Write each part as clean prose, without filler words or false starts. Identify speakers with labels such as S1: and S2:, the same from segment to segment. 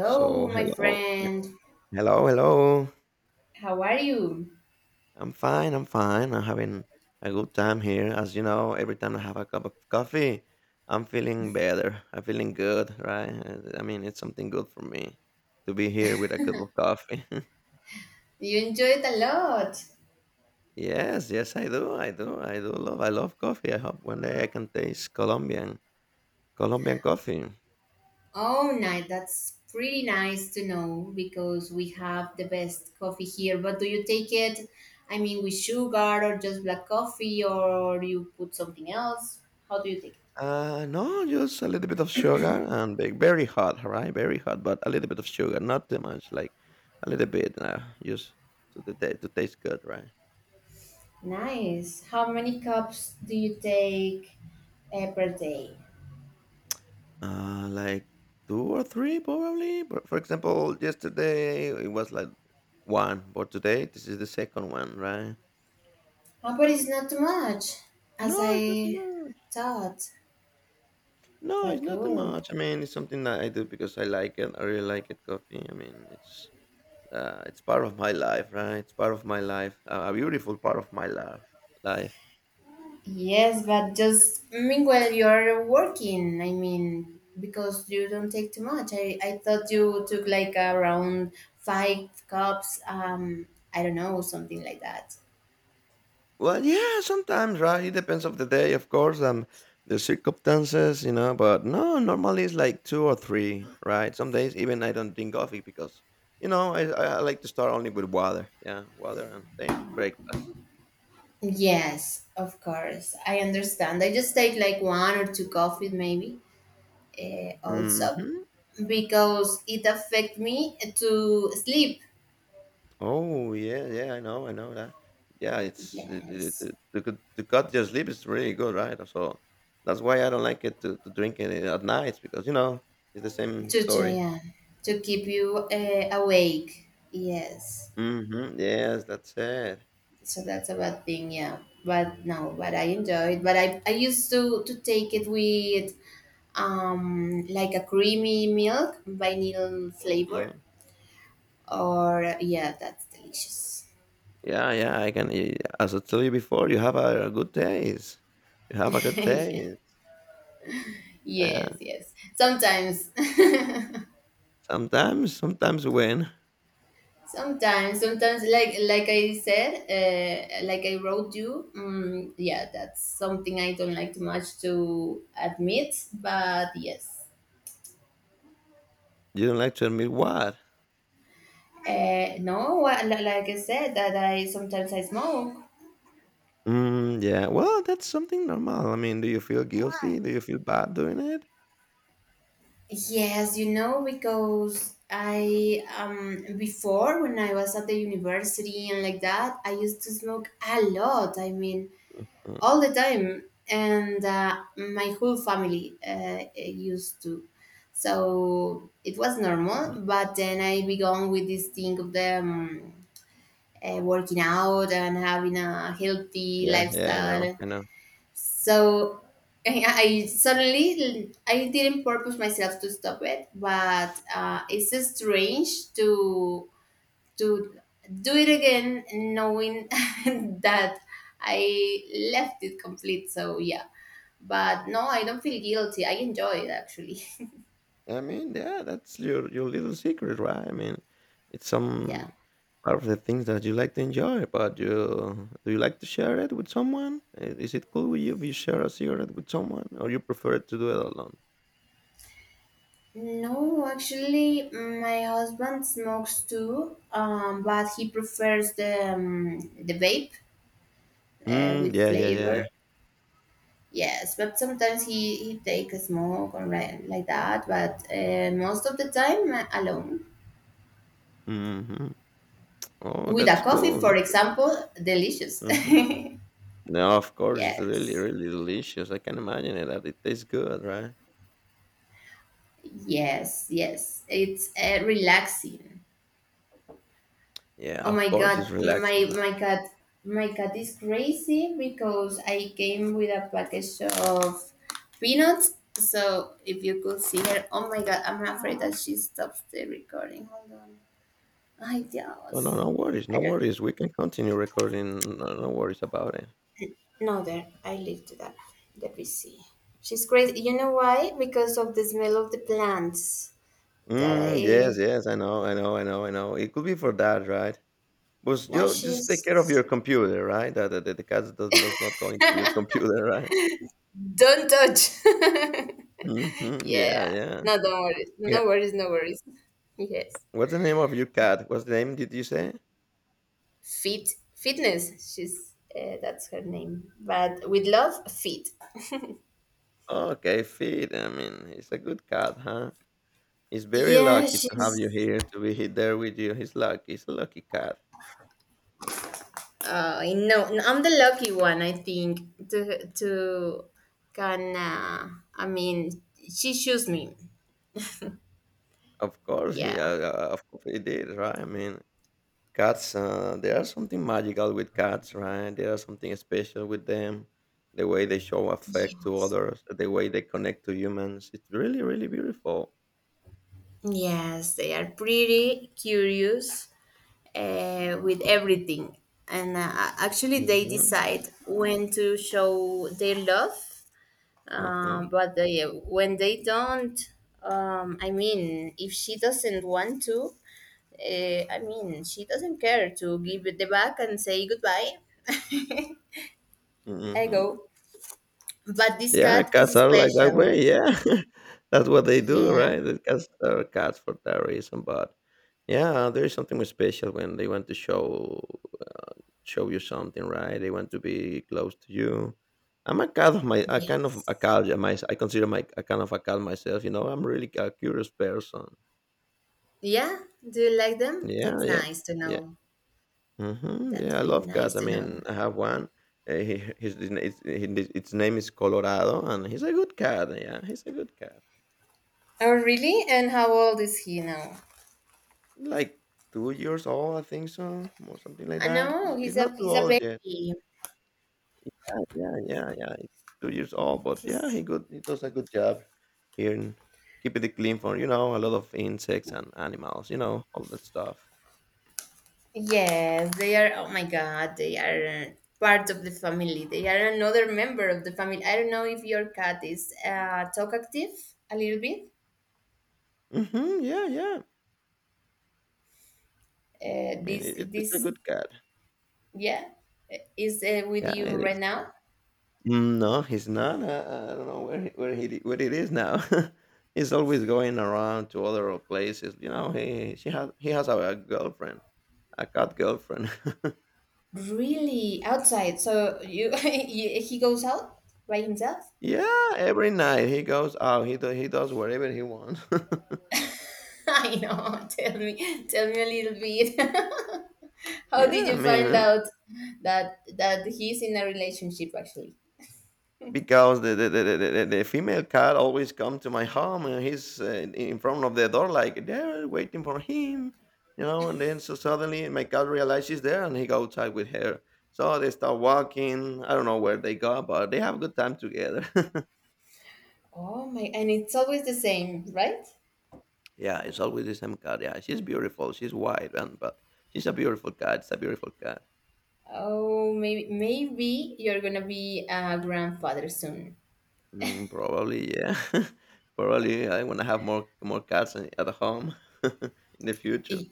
S1: So
S2: my
S1: hello,
S2: friend.
S1: hello, hello.
S2: How are you?
S1: I'm fine. I'm fine. I'm having a good time here. As you know, every time I have a cup of coffee, I'm feeling better. I'm feeling good, right? I mean, it's something good for me to be here with a cup of coffee.
S2: You enjoyed a lot.
S1: Yes, yes, I do. I do. I do love. I love coffee. I hope one day I can taste Colombian coffee.
S2: Oh, nice. That's pretty nice to know because we have the best coffee here. But do you take it, I mean, with sugar or just black coffee or you put something else? How do you take
S1: No, just a little bit of sugar and bake. Very hot, right? Very hot, but a little bit of sugar, not too much. Like a little bit, just to taste good, right?
S2: it? Nice. How many cups do you take per day?
S1: Like two or three probably. But for example, yesterday it was like one, but today this is the second one, right?
S2: Oh, but it's not too much, as
S1: No, it's not too
S2: I
S1: much.
S2: thought.
S1: No, it's
S2: But
S1: not too
S2: good.
S1: much. I mean, it's something that I do because I like it. I really like it, coffee. I mean, it's part of my life, right? It's part of my life, a beautiful part of my life. Life.
S2: Yes, but just meanwhile you're working. I mean, because you don't take too much. I thought you took like around five cups. I don't know, something like that.
S1: Well, yeah, sometimes, right? It depends of the day, of course, and the circumstances, you know. But no, normally it's like two or three, right? Some days even I don't drink coffee because, I like to start only with water. Yeah, water and then breakfast.
S2: Yes, of course. I understand. I just take like one or two coffees maybe. Also,
S1: Hmm.
S2: because it affect me to sleep.
S1: Oh, yeah, yeah, I know that. Yeah, it's it, it,
S2: Yes,
S1: it, the good the cut your sleep is really good, right? So that's why I don't like it to drink it at night because you know it's the same
S2: to
S1: story.
S2: yeah to keep you awake. Yes.
S1: Mm-hmm. Yes, that's it.
S2: So that's a bad thing, yeah, but no, but I enjoy it, but I used to take it with like a creamy milk vanilla flavor
S1: Mm.
S2: or yeah, that's delicious.
S1: Yeah, yeah, I can. As I told you before, you have a good taste. You have a good
S2: Yeah.
S1: taste. Yeah.
S2: Yes, yes, sometimes.
S1: Sometimes when
S2: Sometimes like I said, like I wrote you, yeah, that's something I don't like too much to admit, but yes.
S1: you don't like to admit what.
S2: No, li- Like I said, that I sometimes I smoke.
S1: Mm, yeah. Well, that's something normal. I mean, do you feel guilty? Do you feel bad doing it?
S2: Yes, you know because I before when I was at the university and like that, I used to smoke a lot. I mean,
S1: Mm.
S2: all the time, and my whole family used to. So it was normal, but then I began with this thing of them working out and having a healthy
S1: Yeah, yeah, I know,
S2: lifestyle.
S1: I know.
S2: So I suddenly I didn't purpose myself to stop it, but it's strange to do it again, knowing that I left it complete. So yeah, but no, I don't feel guilty. I enjoy it actually.
S1: I mean, yeah, that's your little secret, right? I mean, it's some
S2: Yeah.
S1: part of the things that you like to enjoy, but you like to share it with someone? Is it cool with you if you share a cigarette with someone, or you prefer to do it alone?
S2: No, actually, my husband smokes too, but he prefers the vape
S1: Mm,
S2: with
S1: yeah.
S2: flavor. Yes, but sometimes he take a smoke or like that, but most of the time alone
S1: Hmm. Oh,
S2: with a
S1: that's
S2: coffee,
S1: cool.
S2: for
S1: That's
S2: example, delicious.
S1: hmm. No, of course, it's really,
S2: Yes,
S1: really delicious. I can imagine it that it tastes good, right?
S2: yes, yes. It's relaxing.
S1: Yeah,
S2: Oh
S1: of
S2: my
S1: course,
S2: god,
S1: it's
S2: my
S1: relaxing.
S2: my cat, my cat is crazy because I came with a package of peanuts. So if you could see her, oh my god, I'm afraid that she stops the recording. Hold on. I
S1: Oh, no,
S2: just.
S1: no worries,
S2: I
S1: no
S2: don't.
S1: worries. We can continue recording. No, no worries about it.
S2: No, there. I lived there. Let me see. She's crazy. You know why? Because of the smell of the plants that
S1: Mm, yes,
S2: I.
S1: yes, I know, I know. It could be for that, right? But
S2: No,
S1: you just take care of your
S2: she's.
S1: computer, right? That the cat does not go into your computer, right?
S2: Don't touch.
S1: Hmm.
S2: Yeah.
S1: Yeah, yeah,
S2: No, don't worry.
S1: yeah.
S2: No worries. No worries. Yes.
S1: What's the name of your cat? What's the name did you say?
S2: Fit. Fitness. She's. That's her name. But with love, fit.
S1: Okay, Feed. I mean, he's a good cat, huh? He's very
S2: Yeah,
S1: lucky to have
S2: she's.
S1: you here, to be there with you. He's lucky. He's a lucky cat.
S2: I know. No, I'm the lucky one, I think. To can. I mean, she chose me. Yeah.
S1: Of course he did, right? I mean, cats, there are something magical with cats, right? There are something special with them. The way they show affect to
S2: Yes.
S1: others, the way they connect to humans. It's really, really beautiful.
S2: Yes, they are pretty curious with everything. And actually, they
S1: Hmm.
S2: decide when to show their love.
S1: Hmm.
S2: But they, when they don't, I mean, if she doesn't want to, I mean, she doesn't care to give it the back and say goodbye. I
S1: Hmm.
S2: go. But this
S1: Yeah,
S2: cat
S1: cats
S2: is
S1: are like that
S2: special.
S1: way. Yeah, that's what they do,
S2: Yeah.
S1: right? The cats are cats for that reason. But yeah, there is something special when they want to show uh, show you something, right? They want to be close to you. I'm a cat of my, a kind of a
S2: Yes.
S1: cat. Yeah, my, I consider my a kind of a cat myself. You know, I'm really a curious person.
S2: Yeah, do you like them?
S1: Yeah,
S2: That's
S1: yeah,
S2: nice to
S1: yeah.
S2: know.
S1: Hmm. Yeah,
S2: That's
S1: I
S2: really
S1: love
S2: nice
S1: cats. I
S2: to know.
S1: mean, I have one. He, his its name is Colorado, and he's a good cat. Yeah, he's a good cat.
S2: Oh, really? And how old is he now?
S1: Like 2 years old, I think so, or something like
S2: I
S1: that. It's
S2: know
S1: he's not too
S2: he's a
S1: old yet.
S2: baby.
S1: Yeah, yeah. He's 2 years old, but yeah,
S2: He's
S1: he does a good job here in keeping it clean for, you know, a lot of insects and animals, you know, all that stuff.
S2: yes, they are. Oh my God, they are part of the family. They are another member of the family. I don't know if your cat is talkative a little bit.
S1: Mhm, yeah, yeah.
S2: Uh,
S1: I mean,
S2: this
S1: it's a
S2: this
S1: good cat.
S2: yeah is with
S1: Yeah,
S2: you
S1: it
S2: right
S1: is.
S2: now.
S1: Mm, no, he's not. I don't know where he where he where it is now. He's always going around to other places. You know, he has a girlfriend, a cat girlfriend.
S2: Really outside. So you, you he goes out by himself.
S1: Yeah, every night he goes out. He does whatever he wants.
S2: I know. Tell me a little bit. How did
S1: Yeah, I
S2: you
S1: mean,
S2: find out that that he's in a relationship actually?
S1: because the female cat always come to my home and he's in front of the door like they're waiting for him, you know. And then so suddenly my cat realizes she's there and he goes outside with her. So they start walking. I don't know where they go, but they have a good time together.
S2: Oh my, and it's always the same, right?
S1: Yeah, it's always the same cat. Yeah, she's beautiful. She's white and but she's a beautiful cat. It's a beautiful cat.
S2: Oh, maybe maybe you're gonna be a grandfather soon.
S1: Mm, probably, yeah. Probably, I want to have more cats at home in the future.
S2: I-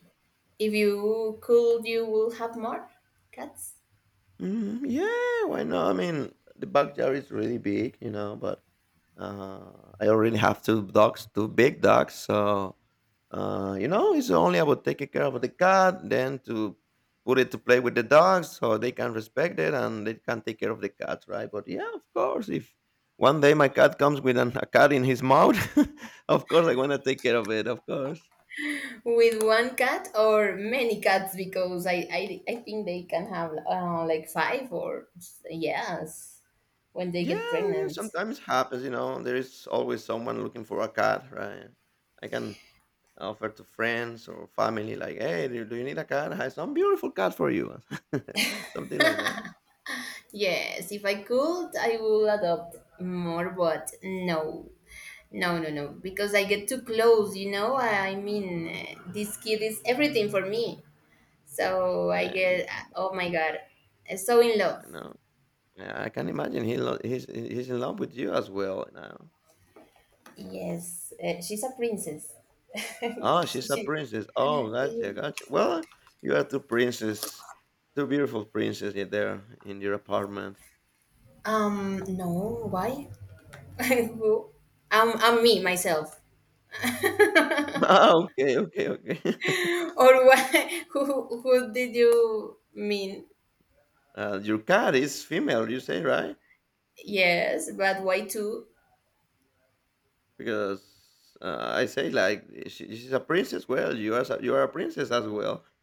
S2: If you could, you will have more cats.
S1: Mhm, yeah, why not? I mean, the backyard is really big, you know, but I already have two dogs, two big dogs. So, you know, it's only about taking care of the cat, then to put it to play with the dogs so they can respect it and they can take care of the cat, right? But yeah, of course, if one day my cat comes with a cat in his mouth, of course, I want to take care of it, of course.
S2: With one cat or many cats, because I think they can have like five or yes when they
S1: Yeah,
S2: get
S1: I mean,
S2: pregnant.
S1: sometimes happens, you know, there is always someone looking for a cat, right? I can offer to friends or family, like, "Hey, do you need a cat? I have some beautiful cat for you," something like that.
S2: Yes, if I could, I will adopt more, but no. No, no, no, because I get too close, you know? I mean, this kid is everything for me. So I
S1: Yeah,
S2: get, oh my God, so in love.
S1: I know. Yeah, I can imagine he's in love with you as well now.
S2: Yes, she's a princess.
S1: Oh, she's a
S2: She,
S1: princess. Oh, gotcha, gotcha. Well, you are two princesses, two beautiful princesses in there in your apartment.
S2: no, why? Who? I'm me, myself.
S1: Oh, okay, okay.
S2: Or why? Who did you mean?
S1: Your cat is female, you say, right?
S2: Yes, but why two?
S1: Because I say like she's a princess. Well, you are you are a princess as well.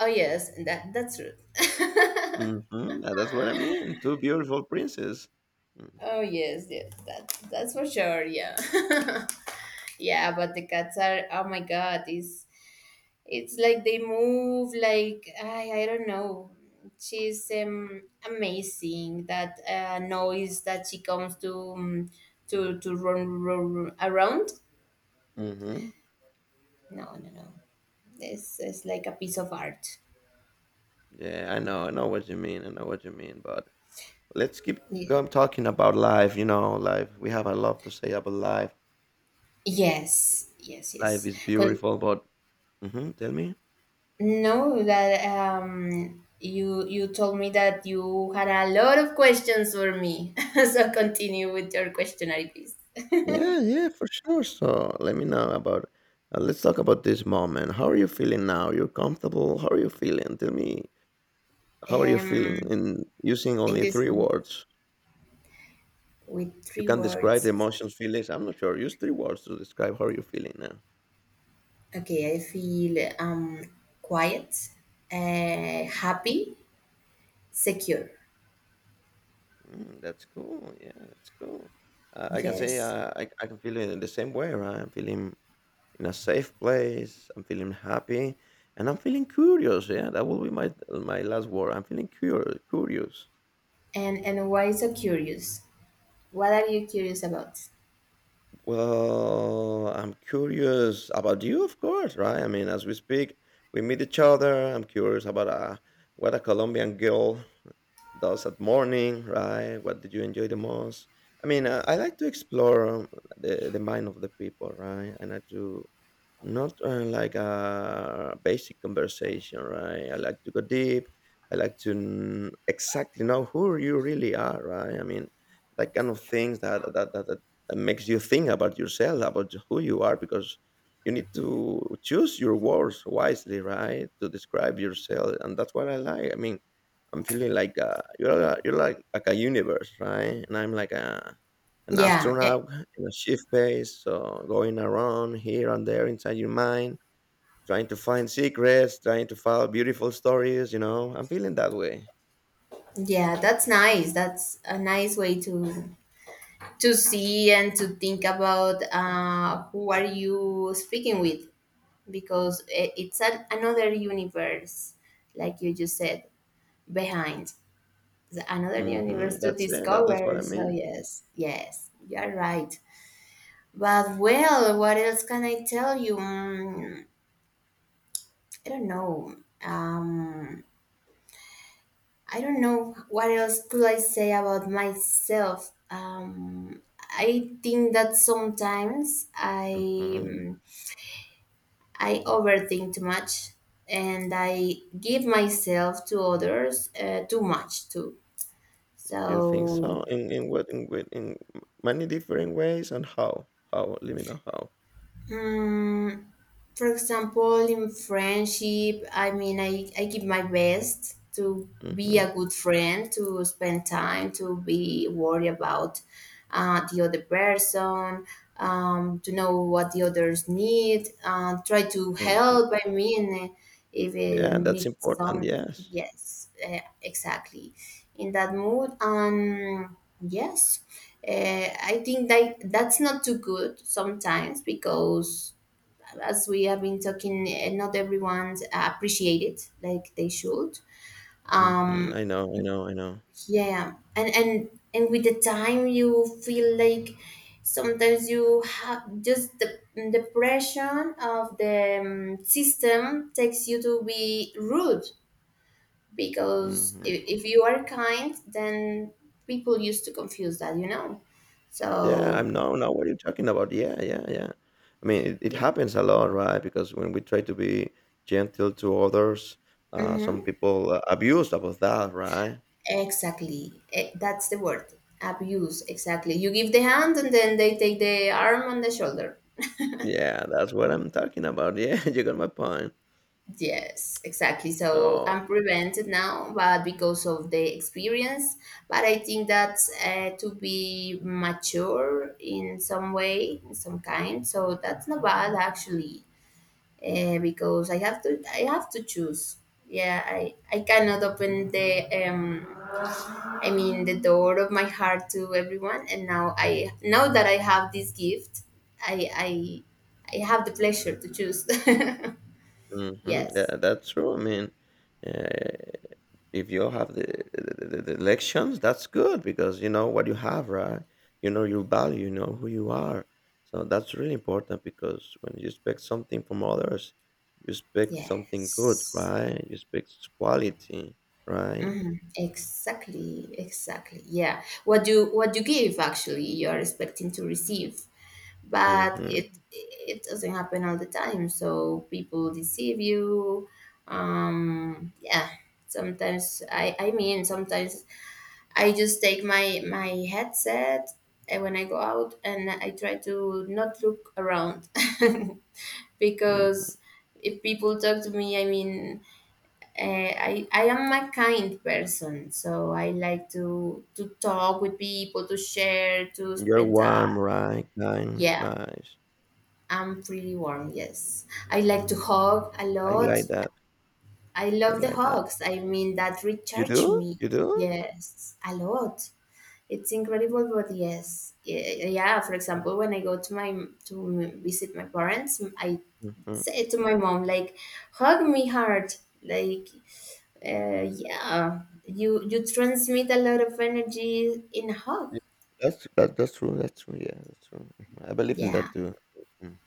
S2: Oh yes, that that's true.
S1: Mhm, that's what I mean, 2 beautiful princes. Mm,
S2: Oh yes, yes, that that's for sure. Yeah, yeah, but the cats are. Oh my god, it's like they move like I don't know. She's amazing. That noise that she comes to to run, run, run around.
S1: mhm.
S2: No, no, no. This is like a piece of art.
S1: Yeah, I know, I know what you mean, but let's keep
S2: Yeah.
S1: going talking about life, you know, life. We have a lot to say about life.
S2: Yes, yes,
S1: Life
S2: yes.
S1: is
S2: Con-
S1: beautiful, but mhm, tell me?
S2: No, that you you told me that you had a lot of questions for me. So continue with your questionnaire, please.
S1: Yeah, yeah, for sure, so let me know about let's talk about this moment. How are you feeling now? You're comfortable? How are you feeling? Tell me, how are you feeling
S2: Um,
S1: in using
S2: in
S1: only
S2: this
S1: 3
S2: one,
S1: words?
S2: with
S1: You
S2: three
S1: can describe the
S2: words.
S1: emotions, feelings. I'm not sure. Use three words to describe how you're feeling now.
S2: Okay, I feel quiet,
S1: Mhm.
S2: happy, secure.
S1: Mm, that's cool. Yeah, that's cool. I can say
S2: Yes.
S1: I can feel it in the same way, right? I'm feeling in a safe place. I'm feeling happy, and I'm feeling curious. Yeah, that will be my last word. I'm feeling curious. Curious.
S2: And why so curious? What are you curious about?
S1: Well, I'm curious about you, of course, right? I mean, as we speak, we meet each other. I'm curious about what a Colombian girl does at morning, right? What do you enjoy the most? I mean, I like to explore the mind of the people, right? And I do not like a basic conversation, right? I like to go deep. I like to exactly know who you really are, right? I mean, that kind of things that makes you think about yourself, about who you are, because you need to choose your words wisely, right? To describe yourself, and that's what I like. I mean, I'm feeling like you're like a universe, right? And I'm like a an
S2: Yeah, eh,
S1: astronaut in a shift base, so going around here and there inside your mind, trying to find secrets, trying to find beautiful stories. You know, I'm feeling that way.
S2: yeah, that's nice. That's a nice way to see and to think about who are you speaking with because it's a, another universe like you just said behind the another
S1: Hmm.
S2: universe to
S1: That's it. That's what
S2: discover,
S1: I
S2: so
S1: mean.
S2: yes, yes, you're right. But well, what else can I tell you? I don't know, um, I don't know what else could I say about myself. I think that sometimes
S1: Hmm.
S2: mm, I overthink too much and I give myself to others too much too.
S1: You think
S2: So,
S1: so? In many different ways and how? How? Let me know how.
S2: mm for example, in friendship, I mean, I give my best to be
S1: Hmm.
S2: a good friend, to spend time, to be worried about the other person, to know what the others need, try to
S1: Hmm.
S2: help, I mean, if it
S1: Yeah, that's
S2: needs
S1: important.
S2: something.
S1: Yes.
S2: Yes, exactly. In that mood, yes. Uh, I think that that's not too good sometimes because as we have been talking, not everyone appreciate it like they should.
S1: Hmm.
S2: Um,
S1: I know. I know. I know.
S2: yeah, yeah. And and with the time, you feel like sometimes you have just the pressure of the system takes you to be rude because
S1: Hmm.
S2: if you are kind, then people used to confuse that, you know.
S1: Yeah, I'm
S2: So
S1: no, no. What are you talking about? Yeah, yeah, yeah. I mean, it
S2: yeah.
S1: happens a lot, right? Because when we try to be gentle to others, some
S2: Mhm.
S1: people abuse about that, right?
S2: Exactly. Eh, that's the word. Abuse. Exactly. You give the hand and then they take the arm and the shoulder.
S1: Yeah, that's what I'm talking about. Yeah, you got my point.
S2: Yes, exactly. So
S1: So
S2: I'm prevented now, but because of the experience. But I think that to be mature in some way, in some kind. So that's not bad actually, because I have to. I have to choose. Yeah, I cannot open the I mean, the door of my heart to everyone. And now I, now that I have this gift, I, I, I have the pleasure to choose. Yes.
S1: Yeah, that's true. I mean, uh, if you have the elections, that's good because you know what you have, right? You know your value, you know who you are. So that's really important because when you expect something from others, you expect something good,
S2: Yes.
S1: right? You expect quality, right?
S2: Hmm. Exactly. Exactly. Yeah. What you give, actually, you are expecting to receive, but it,
S1: Mm-hmm.
S2: it doesn't happen all the time. So people deceive you. Yeah. Sometimes I mean, sometimes I just take my headset and when I go out and I try to not look around
S1: Mm-hmm.
S2: because if people talk to me, I mean, I am a kind person, so I like to talk with people, to share, to
S1: You're
S2: spend time.
S1: warm, right? Kind,
S2: Yeah,
S1: nice.
S2: I'm pretty warm. Yes, I like to hug a
S1: I like
S2: lot.
S1: that.
S2: I
S1: I
S2: love the
S1: like that.
S2: hugs. I mean, that
S1: You
S2: recharge
S1: do?
S2: me.
S1: You do?
S2: Yes, a lot. It's incredible, but yes, yeah. For example, when I go to my to visit my parents, I
S1: Mhm.
S2: say to my mom like, "Hug me hard." Like, yeah, you transmit a lot of energy in a hug.
S1: Yeah, that's true. That's true. Yeah, that's true. Mhm. I believe in that
S2: Yeah,
S1: too. Mhm.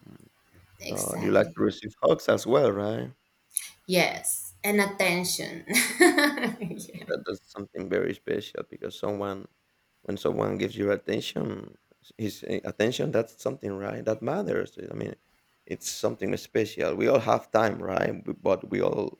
S1: So you like
S2: exactly.
S1: to receive hugs as well, right?
S2: Yes, and attention. Yeah,
S1: That's something very special because someone, when someone gives you attention, his attention, that's something, right? That matters. I mean, it's something special. We all have time, right? But we all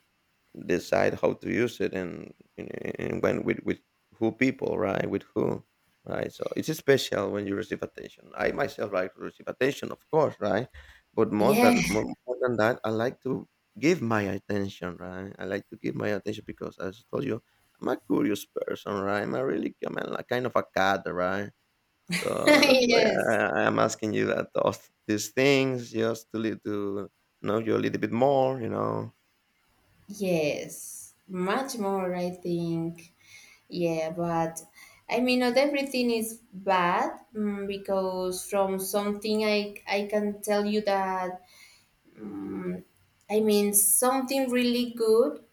S1: decide how to use it and when with who people, right? With who, right? So it's special when you receive attention. I myself like to receive attention, of course, right? But more
S2: yeah,
S1: than more, more than that, I like to give my attention, right? I like to give my attention because, as I told you, I'm a curious person, right? I'm kind of a cat, right? So that's why
S2: yes,
S1: I'm asking you that those these things just to know you a little bit more, you know.
S2: yes. Much more, I think. Yeah, but I mean, not everything is bad, because from something I can tell you that mm I mean something really good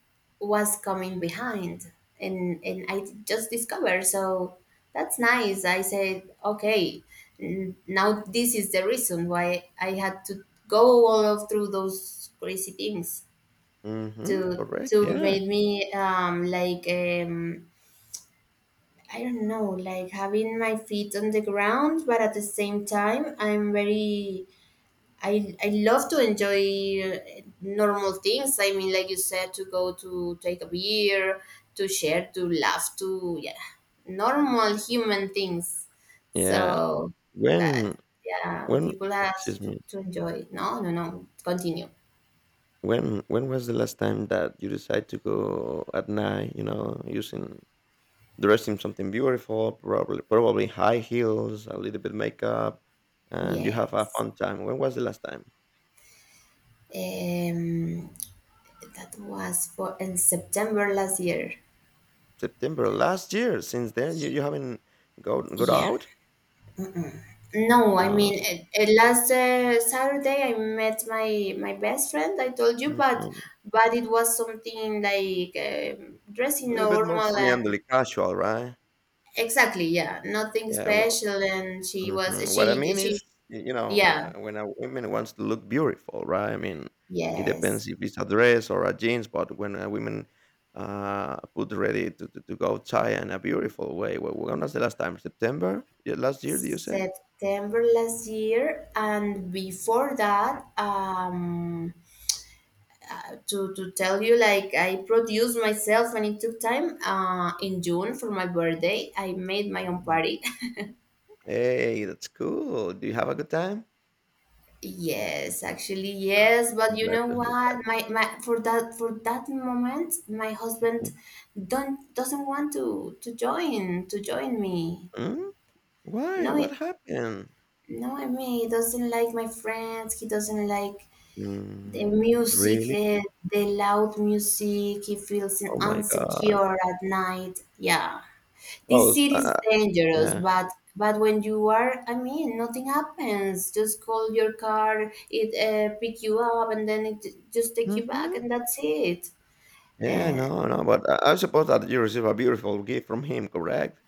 S2: was coming behind, and I just discovered. So that's nice. I said, okay, now this is the reason why I had to go all of through those crazy things
S1: Mm-hmm. Correct.
S2: to
S1: Yeah.
S2: make me like I don't know, like having my feet on the ground, but at the same time, I'm very. I love to enjoy normal things. I mean, like you said, to go to take a beer, to share, to laugh, to yeah, normal human things.
S1: Yeah.
S2: So that
S1: When
S2: yeah,
S1: when
S2: people have
S1: excuse me.
S2: to enjoy. No, no, no. Continue.
S1: When was the last time that you decided to go at night, you know, using dressing something beautiful, probably high heels, a little bit makeup, and you have a
S2: Yes.
S1: fun time. When was the last time?
S2: Um, that was for in September last year.
S1: September last year. Since then, you haven't go got
S2: Yeah.
S1: out.
S2: No, I mean,
S1: Uh,
S2: it last Saturday I met my best friend. I told you,
S1: mhm.
S2: but it was something like
S1: A
S2: dressing
S1: little bit more
S2: normal and
S1: friendly, casual, right?
S2: exactly, yeah, nothing
S1: Yeah. Well,
S2: special. And she was
S1: mhm. What I mean is,
S2: she
S1: you know,
S2: yeah
S1: when a woman wants to look beautiful, right? I mean, it
S2: yes,
S1: depends if it's a dress or a jeans. But when a woman put ready to go outside in a beautiful way, well, when was the last time? September? Yeah, last year? Do you say?
S2: September last year. And before that, to tell you, like, I produced myself and it took time. In June for my birthday, I made my own
S1: Mhm.
S2: party.
S1: Hey, that's cool. Do you have a good time?
S2: Yes, actually,
S1: Um,
S2: yes,
S1: I'm
S2: but you
S1: glad
S2: know
S1: to hear
S2: what? My for that moment, my husband
S1: that.
S2: don't doesn't want to join me.
S1: Mhm. Why?
S2: No,
S1: What
S2: he-
S1: happened?
S2: no, I mean, he doesn't like my friends. He doesn't like the
S1: Mm,
S2: music,
S1: really?
S2: the loud music. He feels
S1: Oh my gosh.
S2: insecure at night. Yeah,
S1: Oh,
S2: this
S1: s-
S2: city is
S1: uh,
S2: dangerous,
S1: yeah.
S2: but I mean, nothing happens. Just call your car, it pick you up, and then it just take you back,
S1: Mm-hmm.
S2: and that's it.
S1: Yeah,
S2: Uh,
S1: no, no, but I suppose that you receive a beautiful gift from him, correct?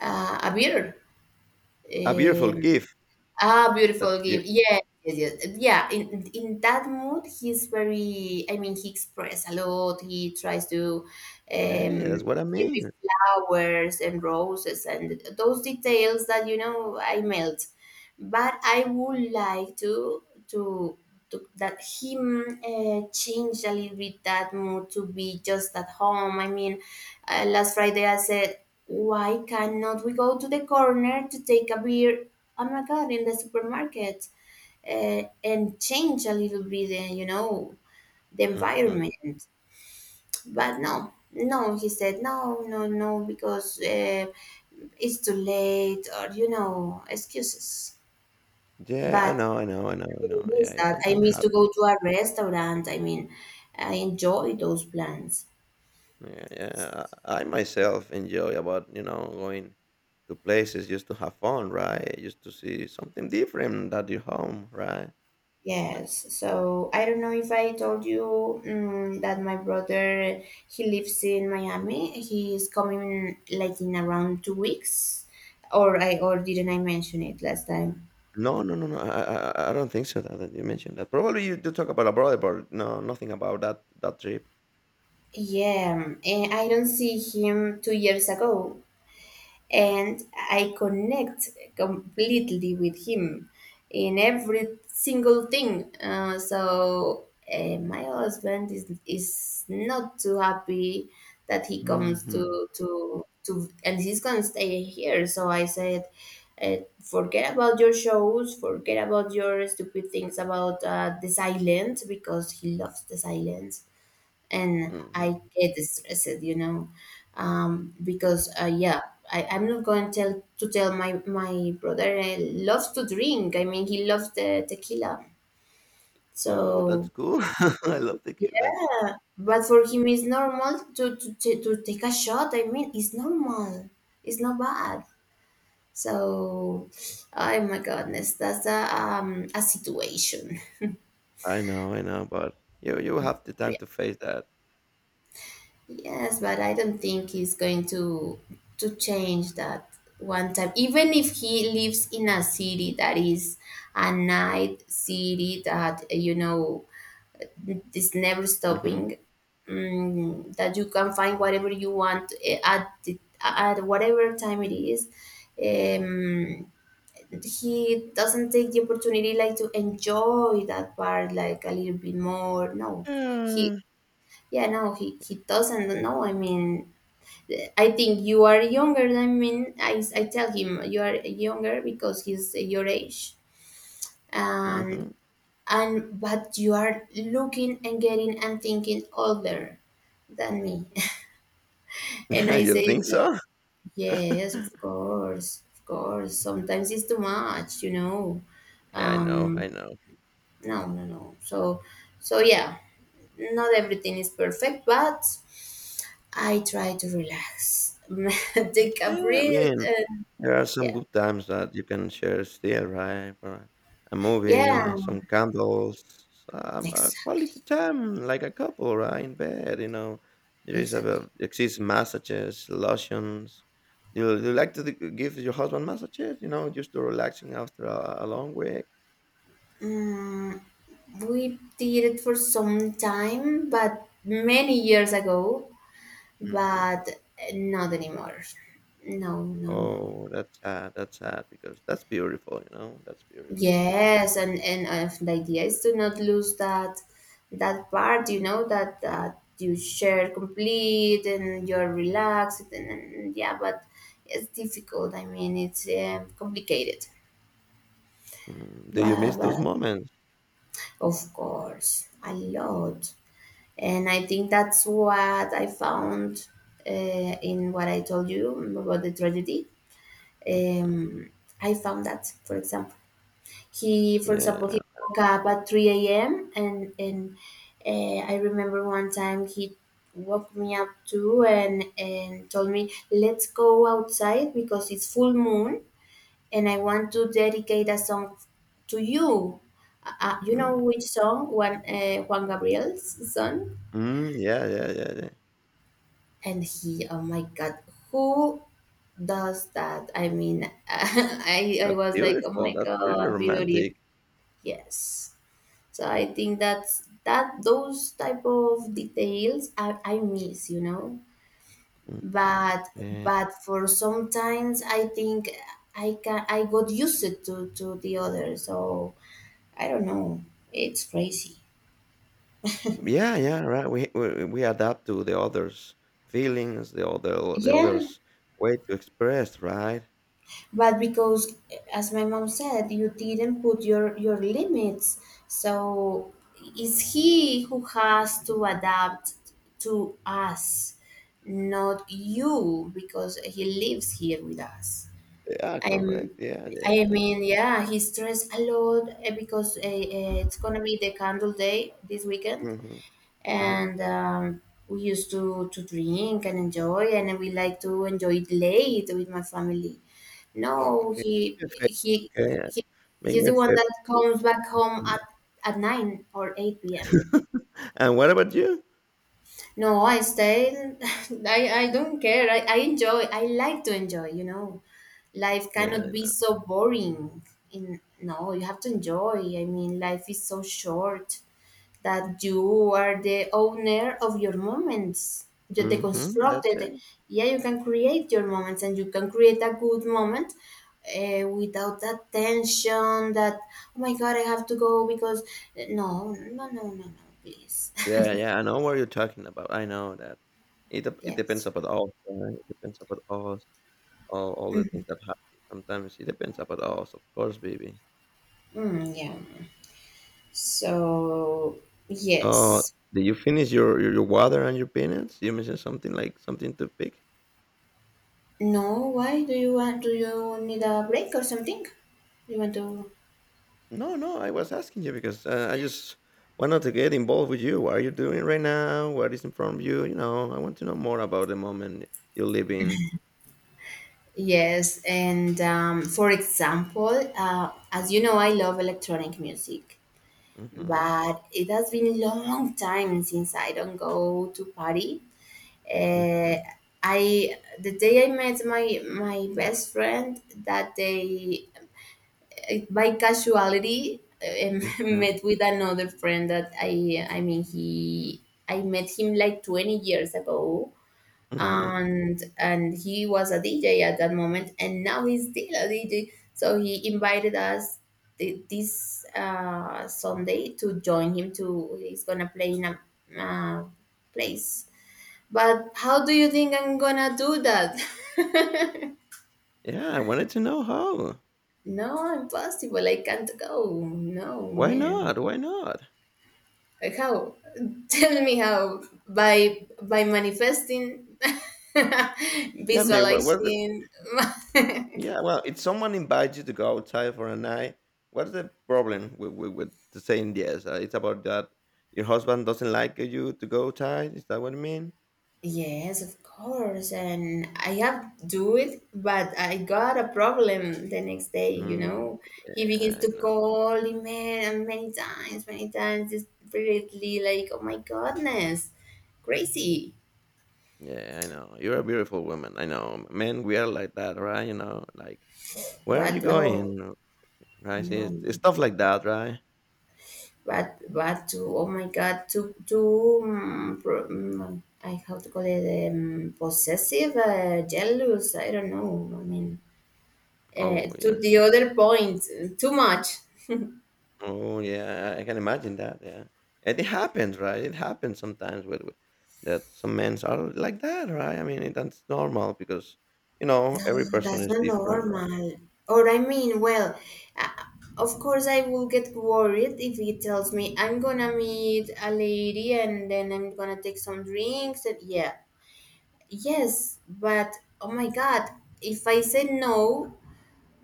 S2: a beer.
S1: A beautiful
S2: Um,
S1: gift
S2: Ah,
S1: that
S2: beautiful
S1: you.
S2: game. Yeah, yes, yes. Yeah, in that mood, he's very. I mean, he express a lot. He tries to, um,
S1: Yeah, that's what I
S2: give me
S1: mean.
S2: flowers and roses and those details that, you know, I melt. But I would like to, to that him, change a little bit that mood, to be just at home. I mean. Last Friday, I said, why cannot we go to the corner to take a beer? Oh my God, in the supermarket, and change a little bit, you know, the
S1: Hmm
S2: environment. But no, no, he said, no, no, no, because it's too late, or, you know, excuses.
S1: Yeah,
S2: But
S1: I
S2: I
S1: know. Yeah,
S2: miss
S1: it
S2: that. I
S1: sometimes
S2: miss to
S1: happens.
S2: go to a restaurant. I mean, I enjoy those plans.
S1: Yeah, yeah. I myself enjoy about you know going to places just to have fun, right? Just to see something different at your home, right?
S2: Yes, so I don't know if I told you, that my brother, he lives in Miami. He is coming like in around 2 weeks, or didn't I mention it last time?
S1: No, no, no, no. I don't think so. That, that you mentioned that. Probably you do talk about a brother, but no, nothing about that trip.
S2: Yeah, and I don't see him 2 years ago. And I connect completely with him in every single thing. So my husband is not too happy that he comes to
S1: Hmm
S2: to to and he's gonna stay here. So I said, forget about your shows, forget about your stupid things about, the silence, because he loves the silence and
S1: hmm
S2: I get stressed, you know. Because Yeah, I, I'm not going to tell my brother, loves to drink. I mean, he loves the tequila.
S1: Oh, that's
S2: So
S1: cool. I love tequila.
S2: yeah. But for him, it's normal to take a shot. I mean, it's normal. It's not bad. So, oh my goodness, that's a situation.
S1: I know, but you have the time to face that.
S2: Yes, but I don't think he's going to change that one time. Even if he lives in a city that is a night city, that, you know, is never
S1: Hmm
S2: stopping. That you can find whatever you want, at the, at whatever time it is. Um, he doesn't take the opportunity like to enjoy that part like a little bit more. No, he
S1: Yeah.
S2: no, he doesn't. No, I mean, I think you are younger than me. I tell him, you are younger, because he's your age, and
S1: hmm
S2: but you are looking and getting and thinking older than me. And I
S1: You
S2: say,
S1: think
S2: like,
S1: so?
S2: yes, of course, of course. Sometimes it's too much, you know.
S1: Yeah, I know, I
S2: Um,
S1: know.
S2: no, no, no. So, so yeah, not everything is perfect, but I try to relax, take a
S1: Yeah, I
S2: breath,
S1: mean,
S2: and
S1: there are some
S2: yeah.
S1: good times that you can share still, right? For a
S2: Yeah,
S1: movie, some candles, some
S2: exactly,
S1: quality time, like a couple, right? In bed, you know. There is
S2: exactly.
S1: a exists massages, lotions. Do you, like to give your husband massages? You know, just to relaxing after a long week.
S2: Mm, we did it for some time, but many years ago,
S1: Hmm
S2: but not anymore. No, no, no, no.
S1: Oh, that's sad. That's sad because that's beautiful. You know, that's beautiful.
S2: Yes, and the idea is to not lose that part, you know, that you share complete and you're relaxed, and yeah, but it's difficult. I mean, it's complicated.
S1: Mm, do you miss
S2: But
S1: those moments?
S2: of course, a lot. And I think that's what I found, uh, in what I told you about the tragedy.
S1: Hmm
S2: Um, I found that, for example,
S1: Yeah. No.
S2: he woke up at 3 a.m. And I remember one time he woke me up too and told me, let's go outside because it's full moon, and I want to dedicate a song to you. You know
S1: Mm.
S2: which song? One, Juan Gabriel's song.
S1: Mm, yeah.
S2: And he, oh my God, who does that? I mean, I
S1: That's
S2: was like, oh
S1: beautiful.
S2: my
S1: That's really
S2: God, beauty.
S1: romantic.
S2: Yes. So I think that's that those type of details I miss, you know.
S1: Mm,
S2: But
S1: Yeah,
S2: but for sometimes I think I got used to the other. So I don't know. It's crazy.
S1: yeah. Right. We adapt to the others' feelings, the
S2: Yeah,
S1: others' way to express. Right.
S2: but because, as my mom said, you didn't put your limits. So it's he who has to adapt to us, not you, because he lives here with us.
S1: Yeah. Correct.
S2: I'm. I
S1: Yeah.
S2: mean, yeah, he stressed a lot, eh, because it's gonna be the candle day this weekend,
S1: Mm-hmm, mm-hmm.
S2: and we used to drink and enjoy, and we like to enjoy it late with my family. No,
S1: Okay. Make me a favor. Okay. Yeah,
S2: he
S1: make
S2: He's
S1: me a
S2: the one that
S1: favor.
S2: comes back home at
S1: Mm.
S2: nine or eight p.m.
S1: And what about you?
S2: No, I stay. I don't care. I enjoy. I like to enjoy. You know, life
S1: Yeah. I
S2: cannot be
S1: know.
S2: so boring. In no, You have to enjoy. I mean, life is so short that you are the owner of your moments. You're the
S1: Mm-hmm. That's
S2: constructed.
S1: it.
S2: Yeah, you can create your moments, and you can create a good moment, without that tension that, oh my God, I have to go because. No, no, no, no, no, please.
S1: Yeah. Yeah. I know what you're talking about. I know that. It depends
S2: Yes.
S1: about us. Right? It depends about us. All the things that happen. Sometimes it depends about us, of course, baby.
S2: Mm, yeah. So,
S1: So,
S2: yes.
S1: did you finish your water and your peanuts? You mentioned something like something to pick.
S2: No, why do you want? Do you need a break or something? You want to?
S1: No, no, I was asking you because I just wanted to get involved with you. What are you doing right now? What is in front of you? You know, I want to know more about the moment you live in.
S2: Yes, and for example, as you know, I love electronic music,
S1: Mm-hmm,
S2: but it has been a long time since I don't go to party.
S1: mm-hmm,
S2: Uh, I, the day I met my best friend, that day, by casuality, um,
S1: mm-hmm,
S2: met with another friend that I mean he I met him like 20 years ago,
S1: mm-hmm.
S2: and he was a DJ at that moment, and now he's still a DJ. So he invited us th- this Sunday to join him. To He's gonna play in a, uh, place. But how do you think I'm gonna do that?
S1: Yeah, I wanted to know how.
S2: No, impossible. I can't go. No,
S1: Why
S2: man.
S1: not? Why not?
S2: Like how? Tell me how, by manifesting,
S1: Yeah, I mean, what was?
S2: visualizing.
S1: Yeah, well, if someone invites you to go outside for a night, what's the problem with to saying yes? It's about that your husband doesn't like you to go outside. Is that what you mean?
S2: Yes, of course. And I have to do it, but I got a problem the next day, you
S1: Mm,
S2: know. He
S1: yeah,
S2: begins
S1: I
S2: to
S1: know.
S2: call me, man, many times, desperately, like, oh my goodness, crazy.
S1: Yeah, I know. You're a beautiful woman. I know. Men, we are like that, right? You know, like, where are you
S2: But, oh,
S1: going? Right? See, it's
S2: no.
S1: stuff like that, right?
S2: Oh my God, I, how to call it, possessive, jealous, I don't know. I mean,
S1: Oh, yeah.
S2: to the other point, too much.
S1: Oh, yeah, I can imagine that, yeah. And it happens, right? It happens sometimes with that some men are like that, right? I mean, it that's normal because, you know,
S2: No,
S1: every person
S2: that's
S1: is
S2: not
S1: different, right?
S2: normal. Or I mean, well, uh, of course I will get worried if he tells me I'm gonna meet a lady and then I'm gonna take some drinks, and yeah, yes, but, oh my God, if I say no,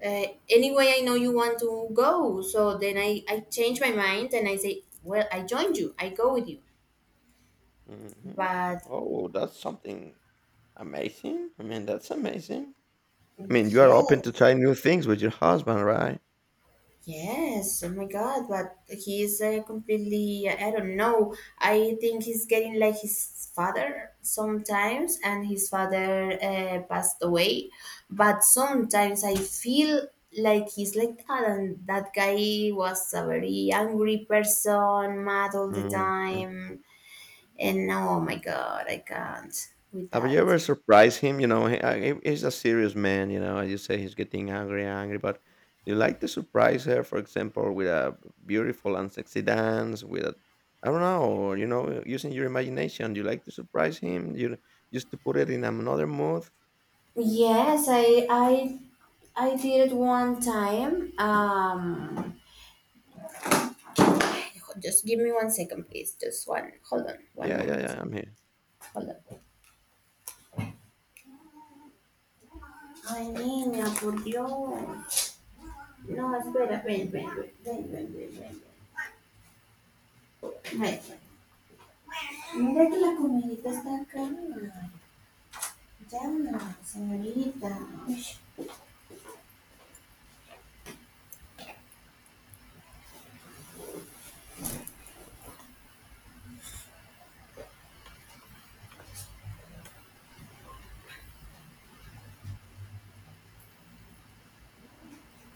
S2: anyway, I know you want to go, so then I change my mind and I say, well, I join you, I go with you,
S1: hmm
S2: but
S1: Oh, that's something amazing. I mean, that's amazing. I mean, you are open to
S2: yes.
S1: try new things with your husband, right?
S2: Yes, oh my God, but he's, completely, I don't know. I think he's getting like his father sometimes, and his father, passed away. But sometimes I feel like he's like that, and that guy was a very angry person, mad all the
S1: Mm-hmm.
S2: time. And no, oh my God, I can't with
S1: Have you
S2: that.
S1: ever surprised him? You know, he's a serious man. You know, as you say, he's getting angry. But you like to surprise her, for example, with a beautiful and sexy dance, with a, I don't know, you know, using your imagination. You like to surprise him. You just to put it in another mood.
S2: Yes, I I did it one time. Just give me one second, please. Just one. Hold on. One
S1: Yeah, yeah,
S2: moment.
S1: yeah. I'm here.
S2: Hold on. Ay, niña, por Dios. No, espera. Ven, ven, ven. Ven, ven, ven, ven. Ven. Mira que la comidita está acá. Ya, señorita. Uy,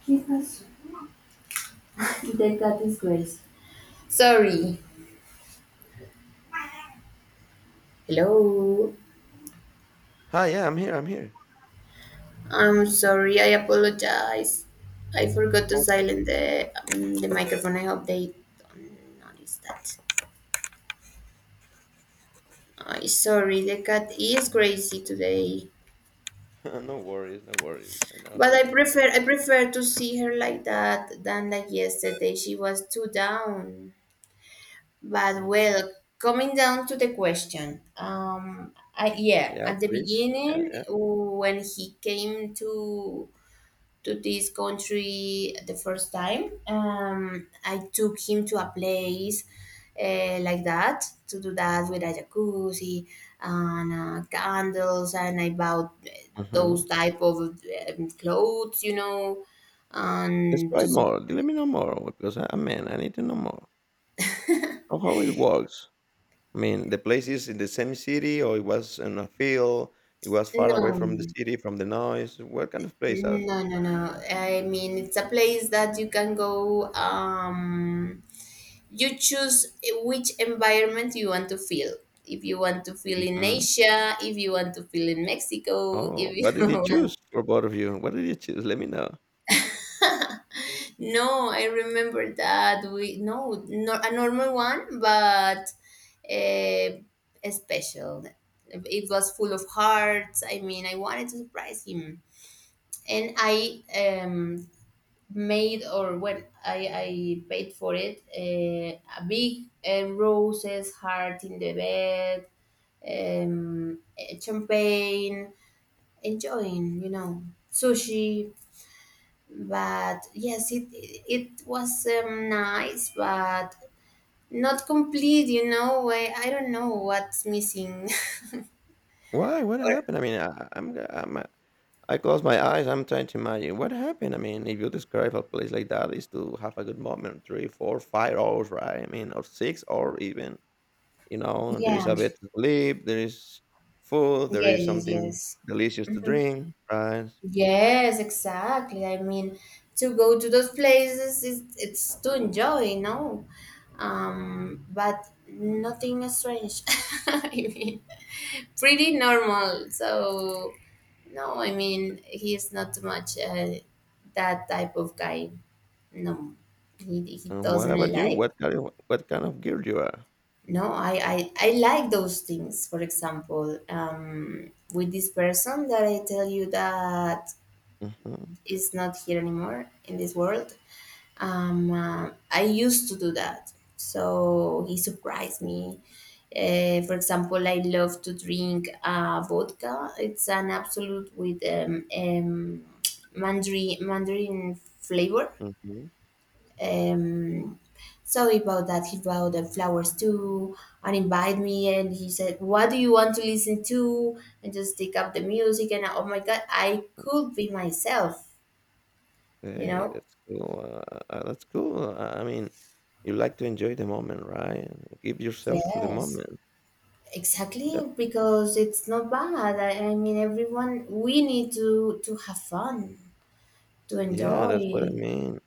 S2: ¿qué pasó? They got disgraced. Sorry. Hello.
S1: Hi, yeah, I'm here.
S2: I'm sorry. I apologize. I forgot to
S1: For
S2: silence the microphone. I hope they don't notice that. I sorry, the cat is crazy today.
S1: no worries, no worries. I know
S2: But
S1: how cat.
S2: I prefer to see her like that than like yesterday. She was too down. But
S1: Mhm.
S2: well, coming down to the question, I, yeah,
S1: Yeah,
S2: at the
S1: please. Yeah, yeah.
S2: beginning when he came to this country the first time. I took him to a place, like that to do that, with a jacuzzi and, candles, and I bought,
S1: Mm-hmm.
S2: those type of, clothes, you know, and
S1: Describe
S2: just,
S1: more. Let me know more because I'm man. I need to know more. Of how it works. I mean, the place is in the same city, or it was in a field, it was far away from the
S2: no,
S1: city, from the noise. What kind of place are?
S2: no, no, no. I mean, it's a place that you can go. You choose which environment you want to feel. If you want to feel in
S1: Mhm.
S2: Asia, if you want to feel in Mexico,
S1: Oh,
S2: if you
S1: what did you
S2: want,
S1: choose for both of you? What did you choose? Let me know.
S2: no, I remember that we, no, no, a normal one, but, a special, it was full of hearts. I mean, I wanted to surprise him, and I, um, made, or well, I paid for it, a big, roses heart in the bed, um, champagne, enjoying, you know, sushi. But yes, it was, nice, but not complete, you know. I don't know what's missing.
S1: Why? What
S2: Or
S1: happened? I close my eyes. I'm trying to imagine what happened. I mean, if you describe a place like that, is to have a good moment, three, four, five hours, right? I mean, or six, or even you know, there is
S2: yeah,
S1: a bed to sleep, there is food, there
S2: yes,
S1: is
S2: yes,
S1: something
S2: yes.
S1: delicious to drink, right?
S2: Yes, exactly. I mean, to go to those places is it's to enjoy, no? But nothing strange. I mean, pretty normal. So no, I mean, he's not too much that type of guy. No, he
S1: And what
S2: doesn't
S1: about you?
S2: like.
S1: What kind of girl you are?
S2: No, I like those things. For example, with this person that I tell you that
S1: Mhm,
S2: is not here anymore in this world. I used to do that. So he surprised me. For example, I love to drink vodka. It's an absolute with mandarin flavor.
S1: mhm.
S2: Um, so he bought that. He bought the flowers too and invited me. And he said, "What do you want to listen to?" And just take up the music. And oh my god, I could be myself. You
S1: Hey,
S2: know,
S1: that's cool. That's cool. I mean, you like to enjoy the moment, right? Give yourself to the
S2: yes,
S1: moment.
S2: exactly,
S1: That
S2: because it's not bad. I mean, everyone, we need to have fun, to
S1: yeah, that's what I
S2: enjoy.
S1: mean.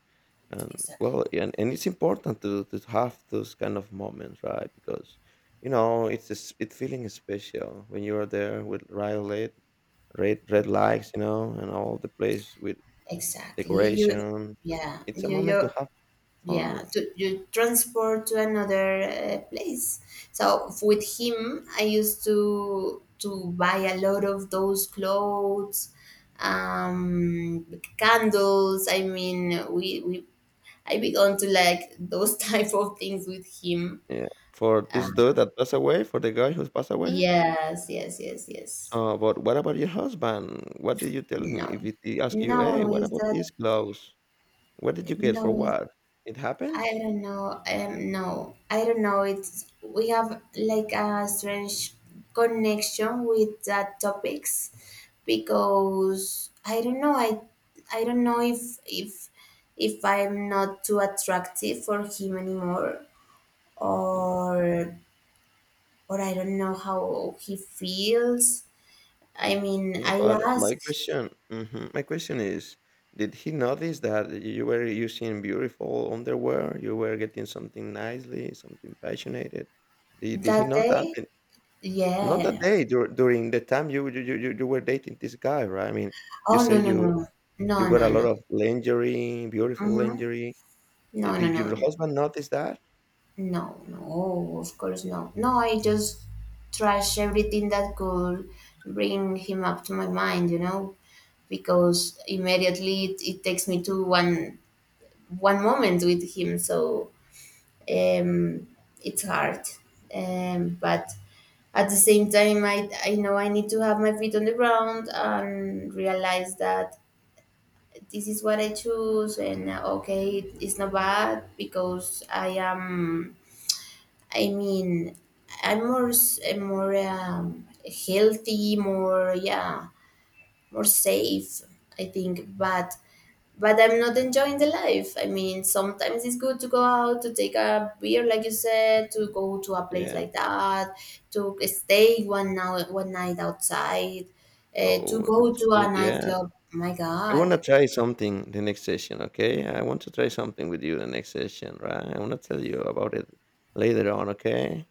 S1: And
S2: Exactly.
S1: well, yeah, and it's important to have those kind of moments, right? Because you know it's a s it's feeling special when you are there with violet, red lights, you know, and all the place with
S2: Exactly. You,
S1: decoration. And
S2: yeah,
S1: it's a
S2: you,
S1: moment to
S2: you,
S1: have
S2: yeah,
S1: fun.
S2: to, you transport to another place. So with him, I used to buy a lot of those clothes, um, candles. I mean, we I began to like those type of things with him.
S1: Yeah, for
S2: Uh,
S1: this dude that passed away, for the guy who's passed away.
S2: yes, yes, yes, yes.
S1: So, but what about your husband? What did you tell him?
S2: No,
S1: If he he ask you, hey,
S2: no,
S1: what
S2: is
S1: about
S2: that
S1: these clothes? What did you get for
S2: no? It,
S1: what? It
S2: I
S1: happens.
S2: don't know. No, I don't know. It's we have like a strange connection with that topics because I don't know. I don't know if I'm not too attractive for him anymore
S1: Hmm
S2: or or I don't know how he feels. I mean,
S1: Yeah,
S2: I
S1: but my
S2: asked
S1: question, hmm my question is, did he notice that you were using beautiful underwear? You were getting something nicely, something passionate. Did he
S2: that
S1: notice that?
S2: day.
S1: Not that
S2: Yeah.
S1: day during the time you were dating this guy, right? I mean, you
S2: Oh,
S1: say
S2: no, no,
S1: you
S2: no.
S1: You
S2: No,
S1: got a
S2: no,
S1: lot
S2: no.
S1: of lingerie, beautiful
S2: Mhm.
S1: lingerie. Di
S2: No, no,
S1: did
S2: no.
S1: your
S2: N-
S1: husband notice that?
S2: No, no. Oh, of course, no. No, I just trash everything that could bring him up to my mind, you know, because immediately it takes me to one moment with him. So um, it's hard. But at the same time, I know I need to have my feet on the ground and realize that this is what I choose, and okay, it's not bad because I am. I mean, I'm more more healthy, more yeah, more safe. I think, but I'm not enjoying the life. I mean, sometimes it's good to go out to take a beer, like you said, to go to a place
S1: Yeah.
S2: like that, to stay one night outside, to
S1: Oh,
S2: go
S1: that's
S2: to
S1: good.
S2: a
S1: Yeah.
S2: nightclub. My
S1: I
S2: God,
S1: wanna try something the next session, okay? I want to try something with you the next session, right? I wanna tell you about it later on, okay?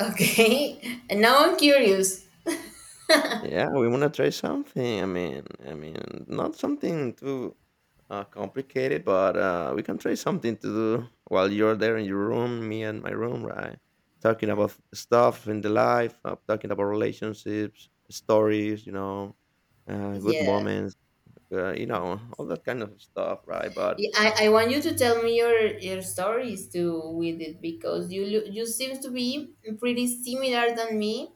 S2: okay. And now I'm curious.
S1: Yeah, we want to try something. Not something too complicated, but we can try something to do while you're there in your room, me and my room, right? Talking about stuff in the life, talking about relationships, stories, you know, good
S2: Yeah.
S1: moments, you know, all that kind of stuff, right? But
S2: Yeah, I want you to tell me your stories too with it because you you seem to be pretty similar than me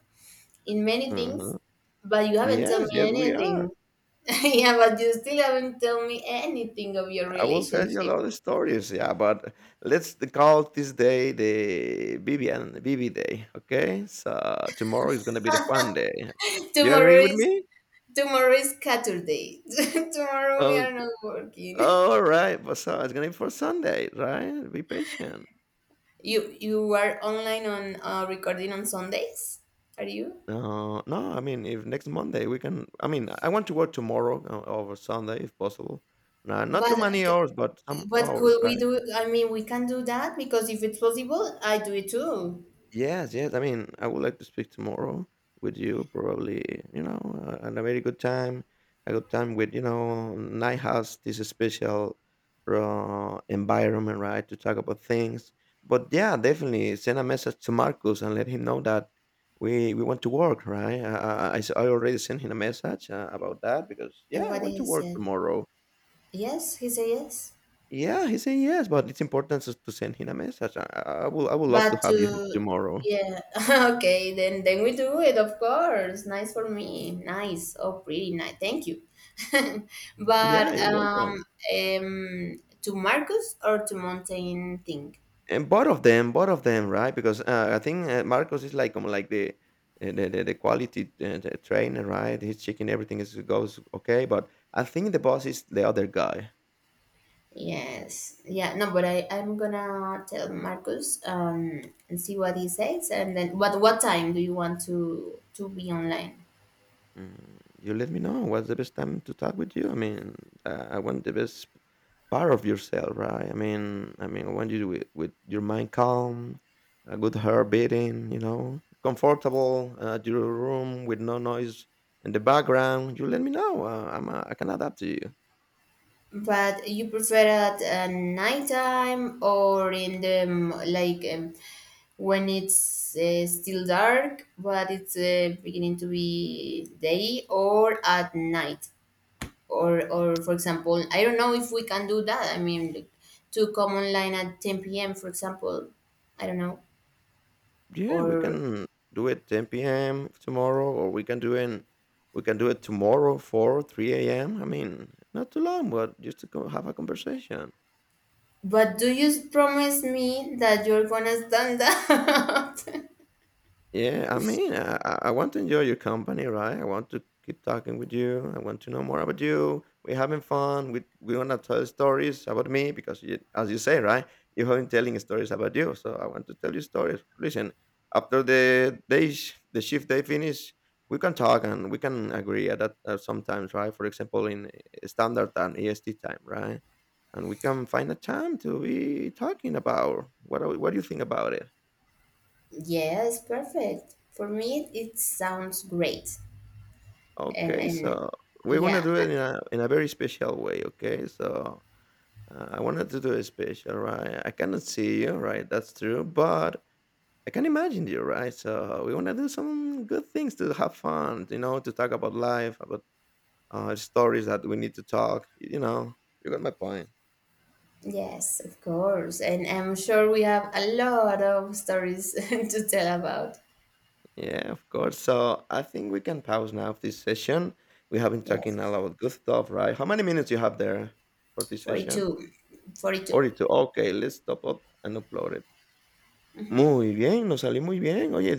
S2: in many things,
S1: mhm.
S2: but you haven't told
S1: Yes,
S2: me
S1: yes, we are.
S2: anything. Yeah, but you still haven't told me anything of your
S1: I will tell you a
S2: relationship.
S1: lot of stories, yeah, but let's call this day the Vivi day, okay? So tomorrow is gonna be the Juan day. You
S2: tomorrow
S1: agree with
S2: is
S1: me?
S2: Tomorrow is Saturday. Tomorrow we
S1: Oh,
S2: are not working.
S1: all right. But so it's gonna be for Sunday, right? Be patient.
S2: You are online on recording on Sundays? Are you?
S1: No, no. I mean, if next Monday we can. I mean, I want to work tomorrow over Sunday if possible. No, not too
S2: But
S1: many hours, but some
S2: what
S1: hours,
S2: could we
S1: right?
S2: do? I mean, we can do that because if it's possible, I do it too.
S1: Yes, yes. I mean, I would like to speak tomorrow with you. Probably, you know, and a very good time, a good time with you know, night has this special environment, right, to talk about things. But yeah, definitely send a message to Marcus and let him know that we want to work, right? I already sent him a message about that because
S2: And
S1: yeah, I
S2: what
S1: want
S2: he
S1: to work
S2: said?
S1: tomorrow.
S2: Yes, he said yes.
S1: Yeah, he said yes, but it's important to send him a message. I would love to
S2: But
S1: have you here
S2: to
S1: tomorrow.
S2: Yeah, okay, then we do it, of course. Nice for me. Nice. Oh, pretty nice. Thank you. But
S1: Yeah, you're welcome.
S2: to Marcus or to Mountain thing?
S1: And both of them, right? Because I think Marcos is like the the quality the trainer, right? He's checking everything is goes okay, but I think the boss is the other guy.
S2: Yes, yeah, no, but I I'm gonna tell Marcus and see what he says, and then what time do you want to be online?
S1: Mm, you let me know what's the best time to talk with you. I mean, I want the best part of yourself, right? I want you with your mind calm, a good heart beating, you know, comfortable at your room with no noise in the background. You let me know. I can adapt to you.
S2: But you prefer at nighttime or in the like when it's still dark, but it's beginning to be day, or at night, or for example, I don't know if we can do that. I mean, like, to come online at 10 p.m. for example, I don't know,
S1: Yeah, we
S2: or
S1: can do it 10 p.m. tomorrow, or we can do it. We can do it tomorrow, 4, 3 a.m. I mean, not too long, but just have a conversation.
S2: but do you promise me that you're gonna stand up?
S1: Yeah, I mean, I want to enjoy your company, right? I want to keep talking with you. I want to know more about you. We're having fun. We want to tell stories about me because, you, as you say, right, you have been telling stories about you. So I want to tell you stories. Listen, after the day, the shift day finish, we can talk and we can agree at that sometimes, right? For example, in standard time, EST time, right? And we can find a time to be talking about what are we- what do you think about it?
S2: Yes, perfect. For me, it sounds great.
S1: Okay,
S2: And
S1: so we're gonna
S2: yeah,
S1: do it in a very special way, okay? So I wanted to do it special, right? I cannot see you, right? That's true, but I can imagine you, right? So we wanna do some good things to have fun, you know, to talk about life, about stories that we need to talk. You know, you got my point.
S2: yes, of course. And I'm sure we have a lot of stories to tell about.
S1: Yeah, of course. So I think we can pause now this session. We have been talking
S2: Yes,
S1: a lot of good stuff, right? How many minutes you have there for this session?
S2: 42. 42.
S1: 42. Okay, let's stop up and upload it. Muy bien, nos salió muy bien. Oye,